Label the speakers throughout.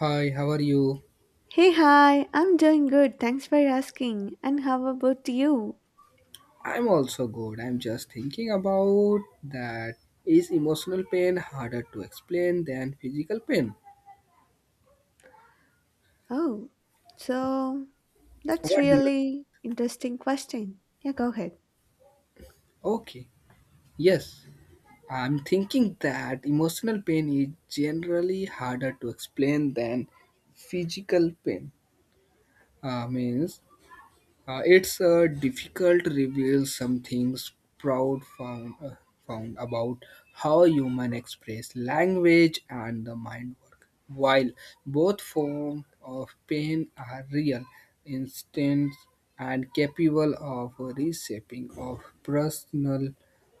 Speaker 1: Hi, how are you?
Speaker 2: Hey, hi, I'm doing good. Thanks for asking. And how about you?
Speaker 1: I'm also good. I'm just thinking about that. Is emotional pain harder to explain than physical pain?
Speaker 2: Oh, so that's
Speaker 1: What do you?
Speaker 2: really interesting question. Yeah, go ahead.
Speaker 1: Okay, yes. I'm thinking that emotional pain is generally harder to explain than physical pain. Means it's difficult to reveal some things proud found, found about how human express language and the mind work. While both forms of pain are real, instant and capable of reshaping of personal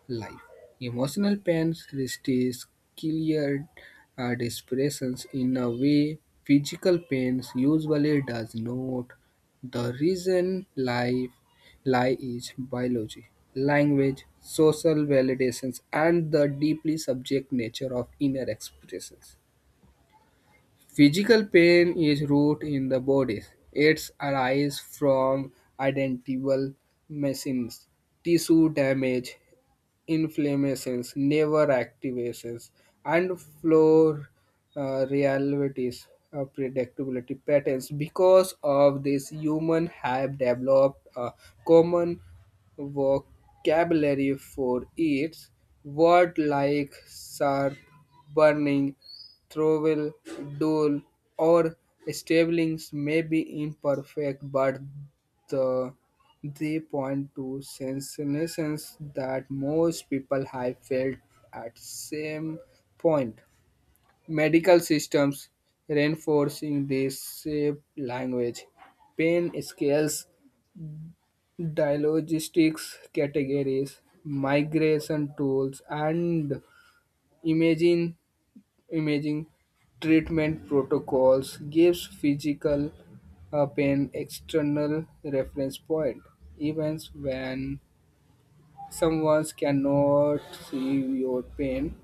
Speaker 1: life. Emotional pains resists clear depressions in a way physical pains usually does not the reason lie is biology, language, social validations, and the deeply subject nature of inner expressions. Physical pain is root in the body. It arises from identical machines, tissue damage, inflammations, never activations, and floor realities predictability patterns. Because of this, human have developed a common vocabulary for it. Word like sharp, burning, throwable, dull, or stabling may be imperfect, but the they point to sensations that most people have felt at same point. Medical systems reinforcing this shape language, pain scales, diagnostics categories, migration tools, and imaging imaging treatment protocols gives physical pain external reference point. Events when someone cannot see your pain,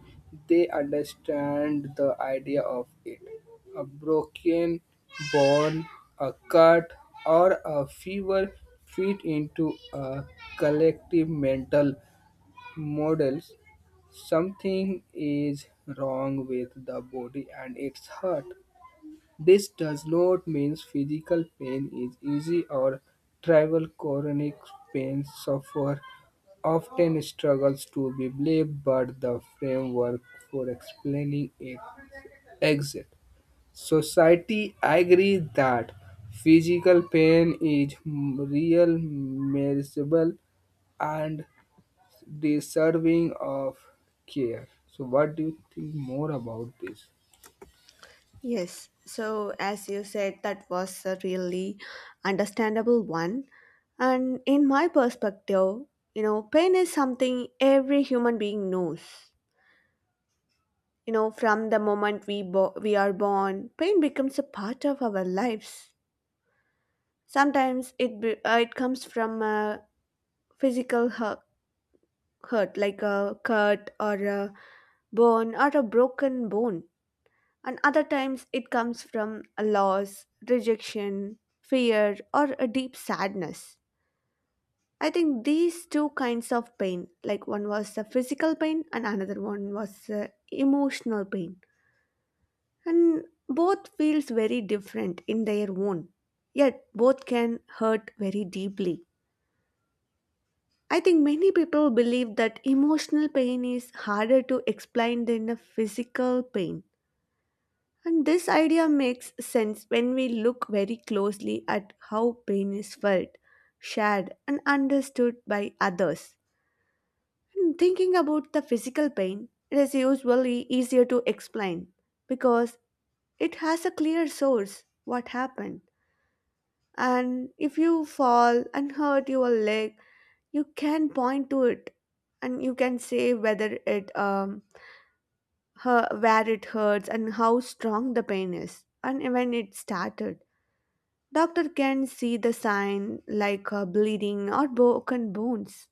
Speaker 1: they understand the idea of it. A broken bone, a cut, or a fever fit into a collective mental models. Something is wrong with the body and its hurt. This does not mean physical pain is easy or trivial. Chronic pain suffer often struggles to be believed, but the framework for explaining it exists. Society agrees that physical pain is m- real, measurable, and deserving of care. So, what do you think more about this?
Speaker 2: Yes. So, as you said, that was a really understandable one. And in my perspective, you know, pain is something every human being knows. You know, from the moment we are born, pain becomes a part of our lives. Sometimes it comes from a physical hurt, hurt like a cut or a burn or a broken bone, and other times it comes from a loss, rejection, fear, or a deep sadness. I think these two kinds of pain, like one was a physical pain and another one was a emotional pain, and both feels very different in their own, yet both can hurt very deeply. I think many people believe that emotional pain is harder to explain than a physical pain. And this idea makes sense when we look very closely at how pain is felt, shared, and understood by others. And thinking about the physical pain, it is usually easier to explain because it has a clear source what happened. And if you fall and hurt your leg, you can point to it, and you can say whether it her where it hurts, and how strong the pain is, and when it started. Doctor can see the sign like bleeding or broken bones.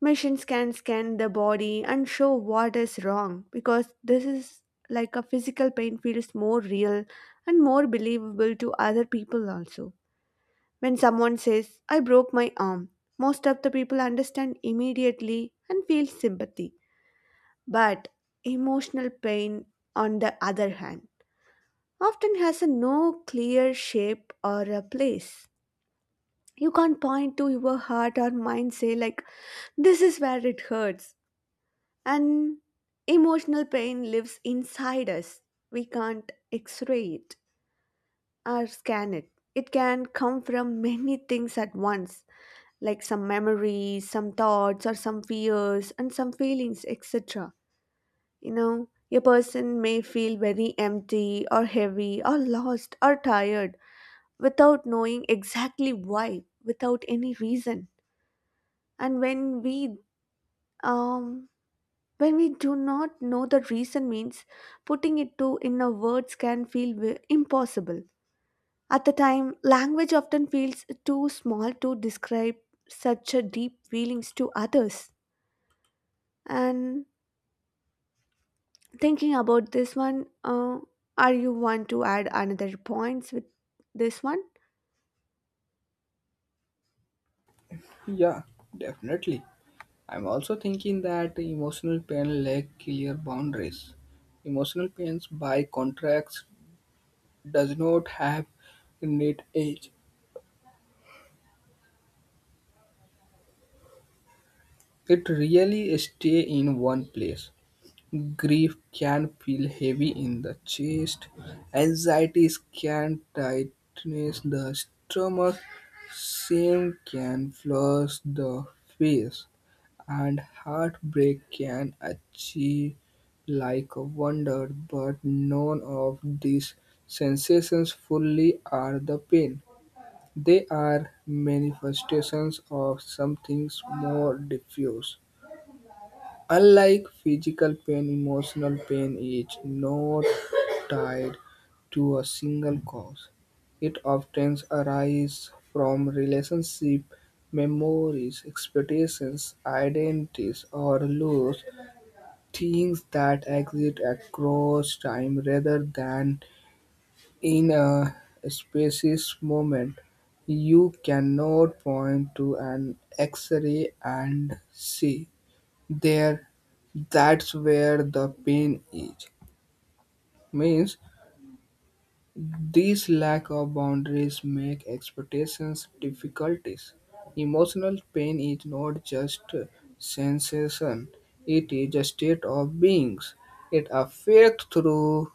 Speaker 2: Machines can scan the body and show what is wrong, because this is like a physical pain feels more real and more believable to other people also. When someone says, I broke my arm, most of the people understand immediately and feel sympathy. But emotional pain, on the other hand, often has a no clear shape or a place. You can't point to your heart or mind say like this is where it hurts. And emotional pain lives inside us. We can't x-ray it or scan it. It can come from many things at once, like some memories, some thoughts, or some fears, and some feelings, etc. You know, a person may feel very empty, or heavy, or lost, or tired without knowing exactly why, without any reason. And um when we do not know the reason means putting it to in a words can feel impossible. At the time, language often feels too small to describe such a deep feelings to others. And thinking about this one, are you want to add another points with this one?
Speaker 1: Yeah, definitely. I'm also thinking that the emotional pain lack clear boundaries. Emotional pains, by contrast, does not have innate age. It really stay in one place. Grief can feel heavy in the chest, anxiety can tighten the stomach, shame can flush the face, and heartbreak can achieve like a wonder, but none of these sensations fully are the pain. They are manifestations of something more diffuse. Unlike physical pain, emotional pain is not tied to a single cause. It often arises from relationship, memories, expectations, identities, or loss, things that exist across time rather than in a specific moment. You cannot point to an X-ray and see there that's where the pain is means these lack of boundaries make expectations difficulties emotional pain is not just a sensation it is a state of beings it affects through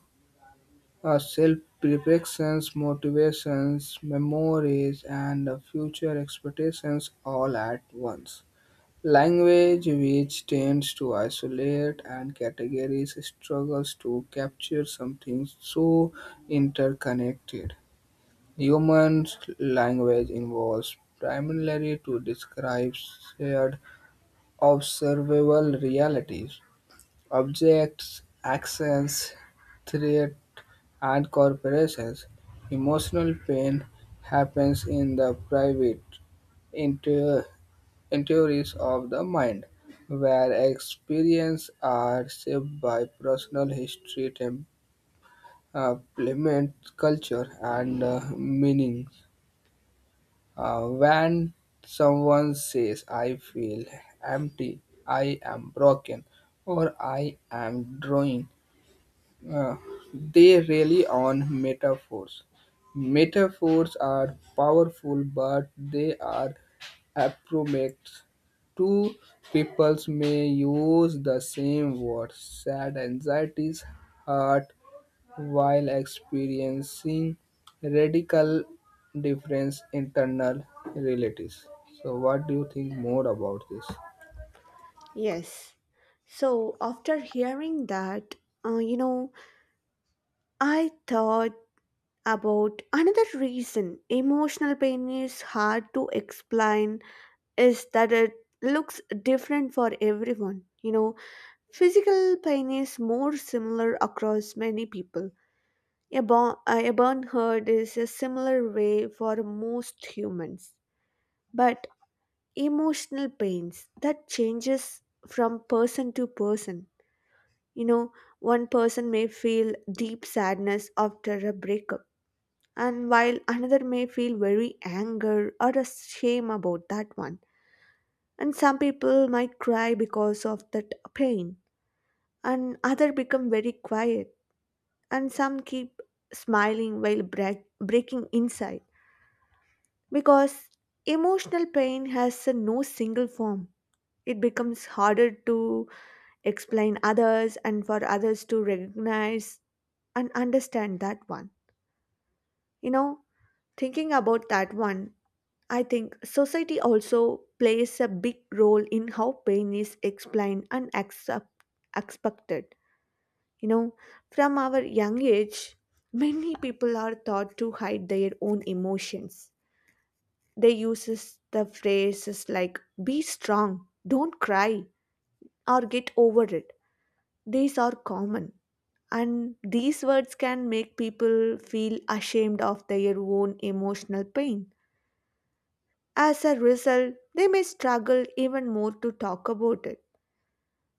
Speaker 1: our self perceptions motivations memories and the future expectations all at once. Language, which tends to isolate and categories struggles to capture something so interconnected. Human language involves primarily to describe shared observable realities, objects, actions, threat, and corporations. Emotional pain happens in the private, theories of the mind, where experience are shaped by personal history, temperament, culture, and meaning. When someone says, I feel empty, I am broken, or I am drawing, uh, they rely on metaphors. Metaphors are powerful, but they are appropriate. Two peoples may use the same word, sad anxieties, hurt, while experiencing radical difference internal realities. So, what do you think more about this?
Speaker 2: Yes. So after hearing that, you know, I thought about another reason emotional pain is hard to explain is that it looks different for everyone. You know, physical pain is more similar across many people. A burn hurt is a similar way for most humans. But emotional pains that changes from person to person. You know, one person may feel deep sadness after a breakup, and while another may feel very anger or a shame about that one. And some people might cry because of that pain, and other become very quiet, and some keep smiling while breaking inside. Because emotional pain has a no single form, it becomes harder to explain others and for others to recognize and understand that one. You know, thinking about that one, I think society also plays a big role in how pain is explained and accept, expected. You know, from our young age, many people are taught to hide their own emotions. They uses the phrases like be strong, don't cry, or get over it. These are common. And these words can make people feel ashamed of their own emotional pain. As a result, they may struggle even more to talk about it.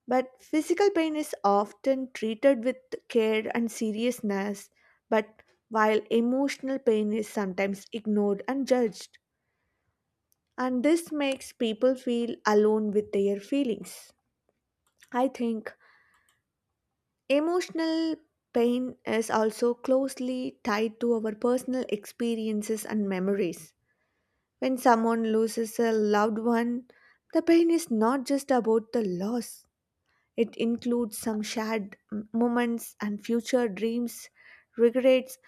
Speaker 2: But physical pain is often treated with care and seriousness, but while emotional pain is sometimes ignored and judged. And this makes people feel alone with their feelings. I think emotional pain is also closely tied to our personal experiences and memories. When someone loses a loved one, the pain is not just about the loss, it includes some shared moments and future dreams, regrets,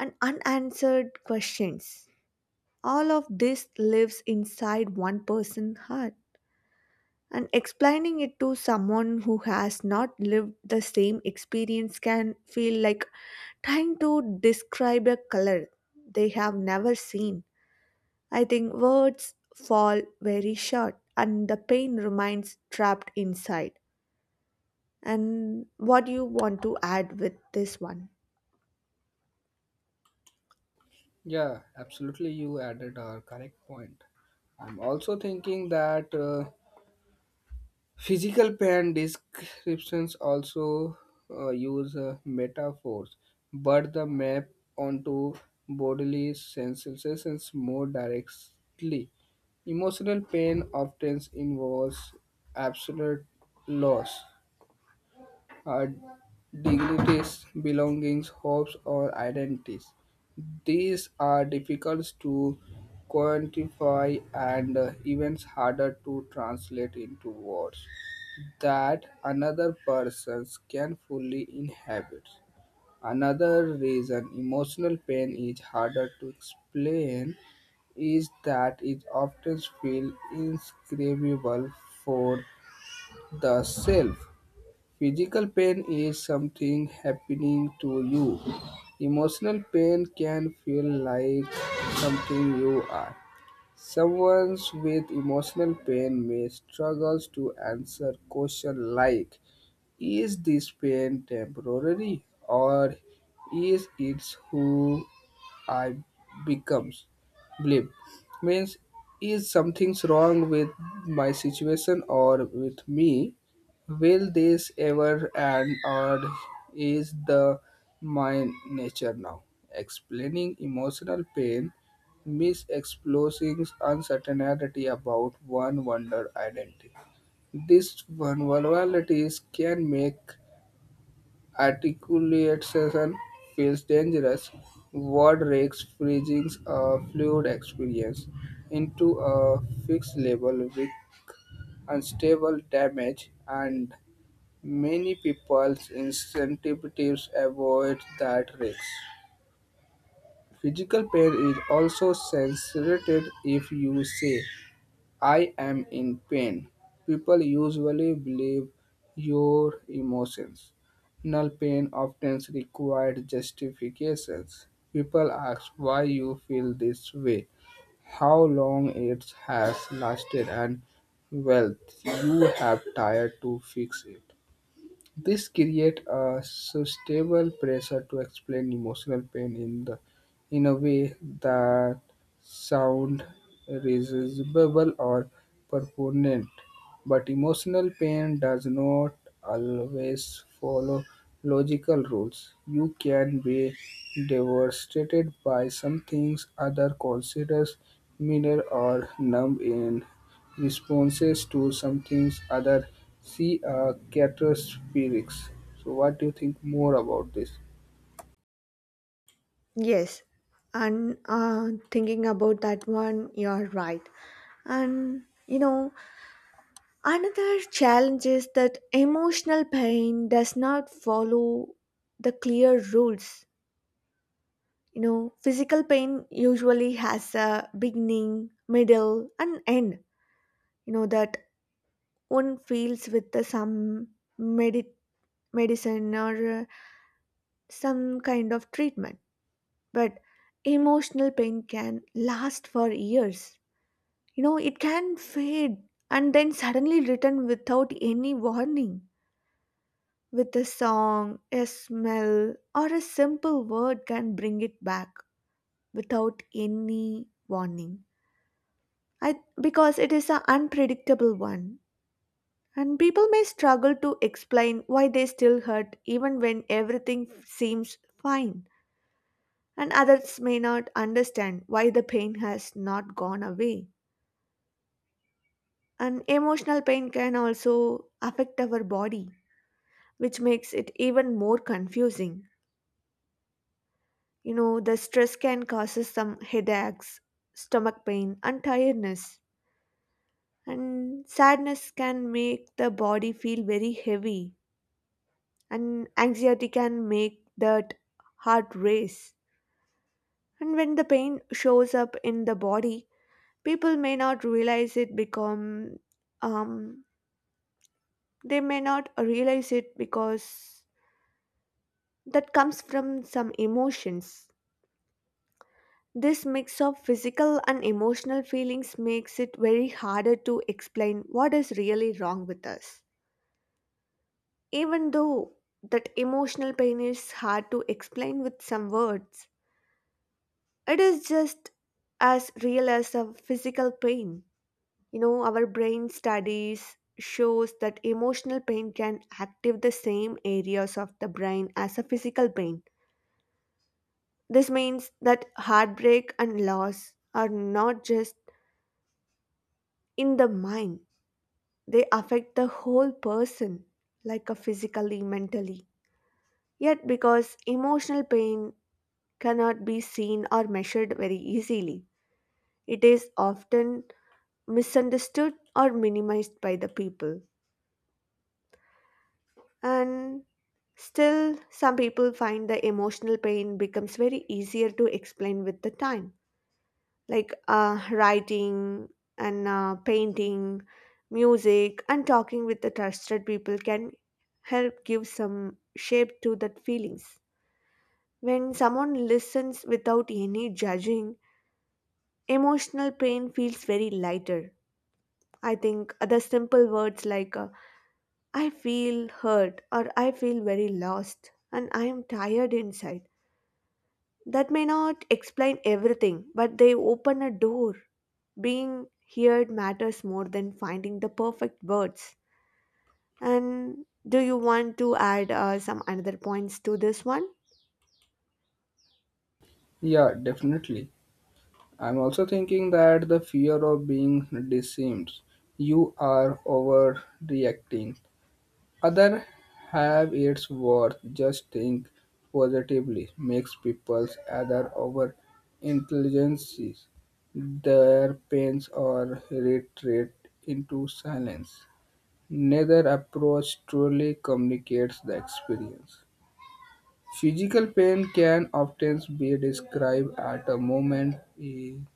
Speaker 2: and unanswered questions. All of this lives inside one person's heart. And explaining it to someone who has not lived the same experience can feel like trying to describe a color they have never seen. I think words fall very short and the pain remains trapped inside. And what do you want to add with this one?
Speaker 1: Yeah, absolutely. You added a correct point. I'm also thinking that. Physical pain descriptions also use metaphors, but the map onto bodily sensations more directly. Emotional pain often involves absolute loss, uh, dignities, belongings, hopes, or identities. These are difficult to quantify and even harder to translate into words that another person can fully inhabit. Another reason emotional pain is harder to explain is that it often feels inscribable for the self. Physical pain is something happening to you. Emotional pain can feel like something you are. Someone with emotional pain may struggle to answer questions like is this pain temporary or is it who I becomes? Blip means is something's wrong with my situation or with me? Will this ever end or is the my nature now? Explaining emotional pain misexposing uncertainty about one wonder identity. These vulnerabilities can make articulation feels dangerous. What risks freezing a fluid experience into a fixed level with unstable damage, and many people's incentives avoid that risk. Physical pain is also censored if you say I am in pain. People usually believe your emotions. Null pain often requires justifications. People ask why you feel this way, how long it has lasted, and well, you have tried to fix it. This creates a sustainable pressure to explain emotional pain in the in a way that sound reasonable or pertinent. But emotional pain does not always follow logical rules. You can be devastated by some things other considers minor or numb in responses to some things other see characteristics. So what do you think more about this?
Speaker 2: Yes, and thinking about that one, you're right. And you know, another challenge is that emotional pain does not follow the clear rules. You know, physical pain usually has a beginning, middle, and end. You know, that one feels with the some medi- medicine or uh, some kind of treatment. But emotional pain can last for years. You know, it can fade and then suddenly return without any warning. With a song, a smell, or a simple word can bring it back without any warning. I, because it is an unpredictable one. And people may struggle to explain why they still hurt even when everything seems fine. And others may not understand why the pain has not gone away. And emotional pain can also affect our body, which makes it even more confusing. You know, the stress can causes some headaches, stomach pain, and tiredness. And sadness can make the body feel very heavy, and anxiety can make that heart race. And when the pain shows up in the body, people may not realize it become um, they may not realize it because that comes from some emotions. This mix of physical and emotional feelings makes it very harder to explain what is really wrong with us. Even though that emotional pain is hard to explain with some words, it is just as real as a physical pain. You know, our brain studies shows that emotional pain can active the same areas of the brain as a physical pain. This means that heartbreak and loss are not just in the mind, they affect the whole person, like a physically, mentally. Yet, because emotional pain cannot be seen or measured very easily, it is often misunderstood or minimized by the people. And still, some people find the emotional pain becomes very easier to explain with the time, like writing and painting, music, and talking with the trusted people can help give some shape to that feelings. When someone listens without any judging, emotional pain feels very lighter. I think the simple words like I feel hurt, or I feel very lost, and I am tired inside. That may not explain everything, but they open a door. Being heard matters more than finding the perfect words. And do you want to add some another points to this one?
Speaker 1: Yeah, definitely. I'm also thinking that the fear of being deceived, you are overreacting, other have its worth just think positively makes people's other over intelligences their pains or retreat into silence. Neither approach truly communicates the experience. Physical pain can often be described at a moment in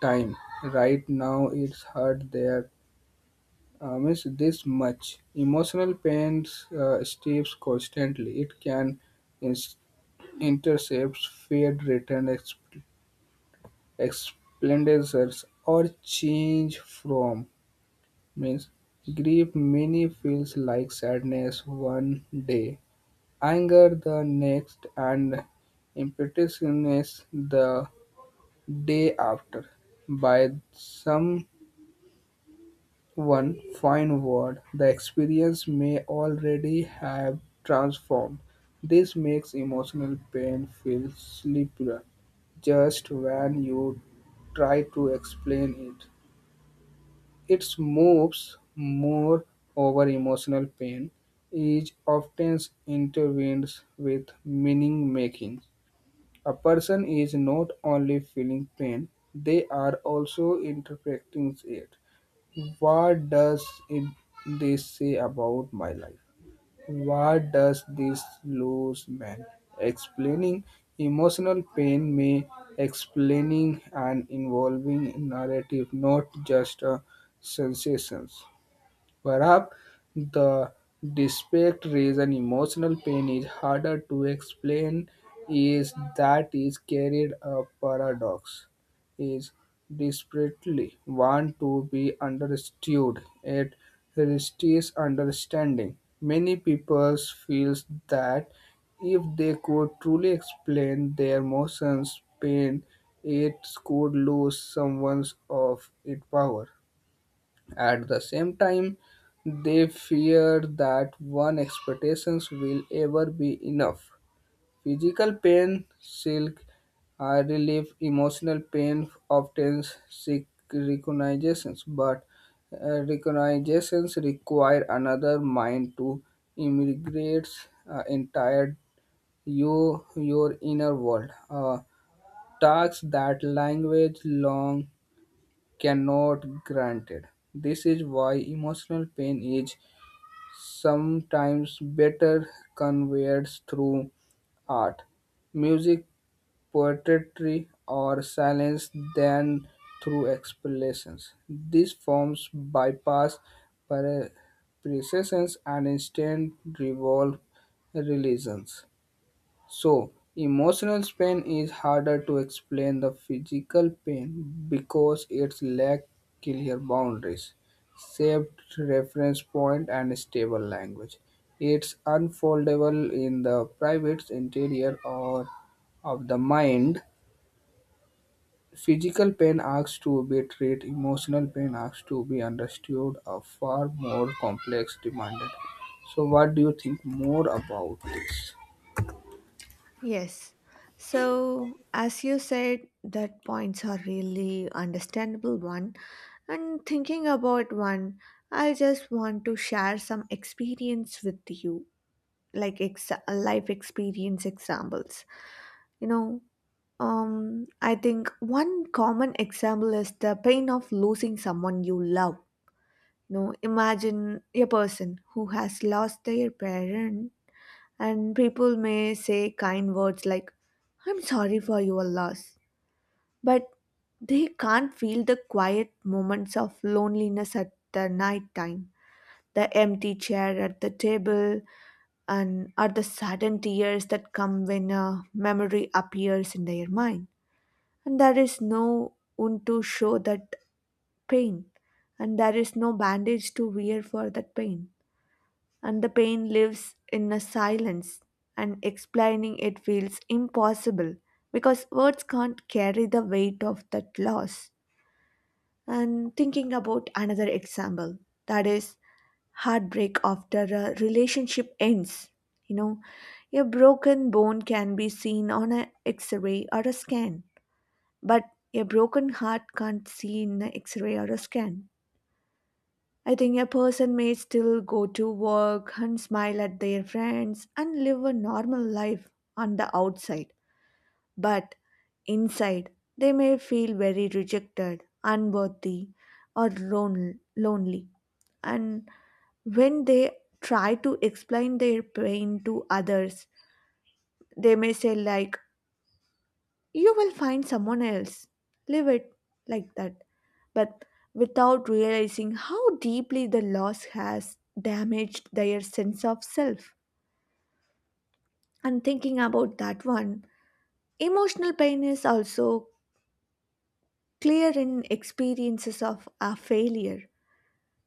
Speaker 1: time. Right now, it's hurt there. Means this much. Emotional pain steeps constantly. It can inst- intercepts feared written explanations or change from means grief many feels like sadness one day anger the next, and impetuousness the day after. By some one fine word, the experience may already have transformed. This makes emotional pain feel slippery just when you try to explain it. It moves more over emotional pain, is often intertwined with meaning making. A person is not only feeling pain, they are also interpreting it. What does it, this say about my life? What does this lose man? Explaining emotional pain may explaining and involving narrative, not just a sensations. Perhaps the distinct reason emotional pain is harder to explain is that is carried a paradox. Is desperately want to be understood. It resists understanding. Many people feel that if they could truly explain their emotions, pain, it could lose someone of its power. At the same time, they fear that one expectations will ever be enough. Physical pain silk relief, emotional pain often seek recognitions, but recognitions require another mind to immigrate entire your inner world. Tasks that language long cannot granted. This is why emotional pain is sometimes better conveyed through art, music, poetry, or silence than through explanations. These forms bypass pre- precedents and instead revolve religions. So, emotional pain is harder to explain than physical pain because it's lack clear boundaries, shaped reference point, and stable language. It's unfoldable in the private interior or of the mind. Physical pain asks to be treated, emotional pain asks to be understood, a far more complex demanded. So, what do you think more about this?
Speaker 2: Yes. So, as you said, that points are really understandable one. And thinking about one, I just want to share some experience with you, like life experience examples. You know, I think one common example is the pain of losing someone you love. You know, imagine a person who has lost their parent, and people may say kind words like I'm sorry for your loss, but they can't feel the quiet moments of loneliness at the night time, the empty chair at the table, and are the sudden tears that come when a memory appears in their mind. And there is no one to show that pain, and there is no bandage to wear for that pain. And the pain lives in a silence, and explaining it feels impossible because words can't carry the weight of that loss. And thinking about another example, that is heartbreak after a relationship ends. You know, a broken bone can be seen on an x ray or a scan, but a broken heart can't see in an x ray or a scan. I think a person may still go to work and smile at their friends and live a normal life on the outside, but inside they may feel very rejected, unworthy, or lonely. And when they try to explain their pain to others, they may say like you will find someone else, leave it like that, but without realizing how deeply the loss has damaged their sense of self. And thinking about that one, emotional pain is also clear in experiences of a failure.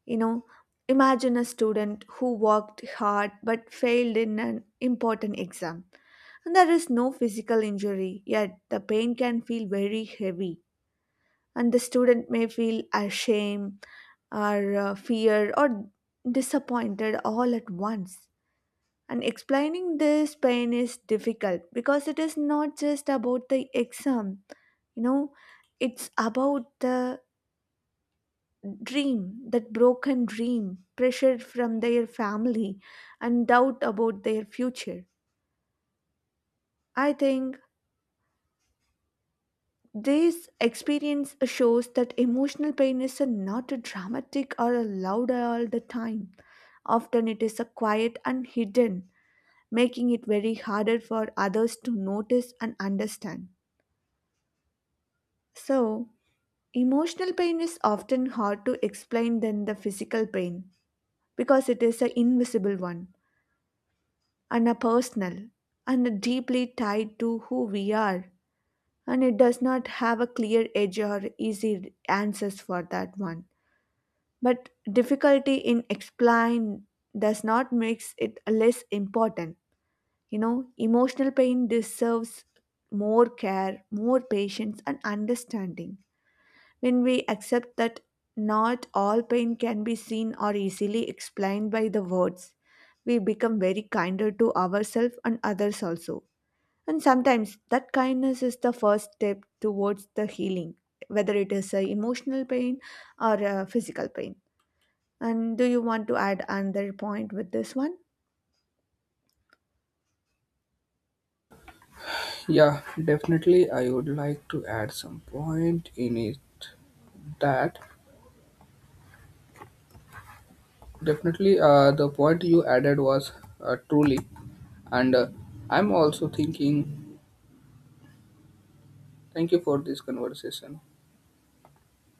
Speaker 2: You know, imagine a student who worked hard but failed in an important exam. And there is no physical injury, yet the pain can feel very heavy. And the student may feel ashamed, or fear, or disappointed all at once. And explaining this pain is difficult because it is not just about the exam, you know, it's about the dream, that broken dream, pressure from their family, and doubt about their future. I think this experience shows that emotional pain is not a dramatic or a loud all the time. Often it is a quiet and hidden, making it very harder for others to notice and understand. So, emotional pain is often hard to explain than the physical pain because it is an invisible one, and are personal, and are deeply tied to who we are. And it does not have a clear edge or easy answers for that one. But difficulty in explain does not makes it less important. You know, emotional pain deserves more care, more patience, and understanding. When we accept that not all pain can be seen or easily explained by the words, we become very kinder to ourselves and others also. And sometimes that kindness is the first step towards the healing, whether it is a emotional pain or a physical pain. And do you want to add another point with this one?
Speaker 1: Yeah, definitely. I would like to add some point in it that definitely the point you added was truly, and I'm also thinking. Thank you for this conversation.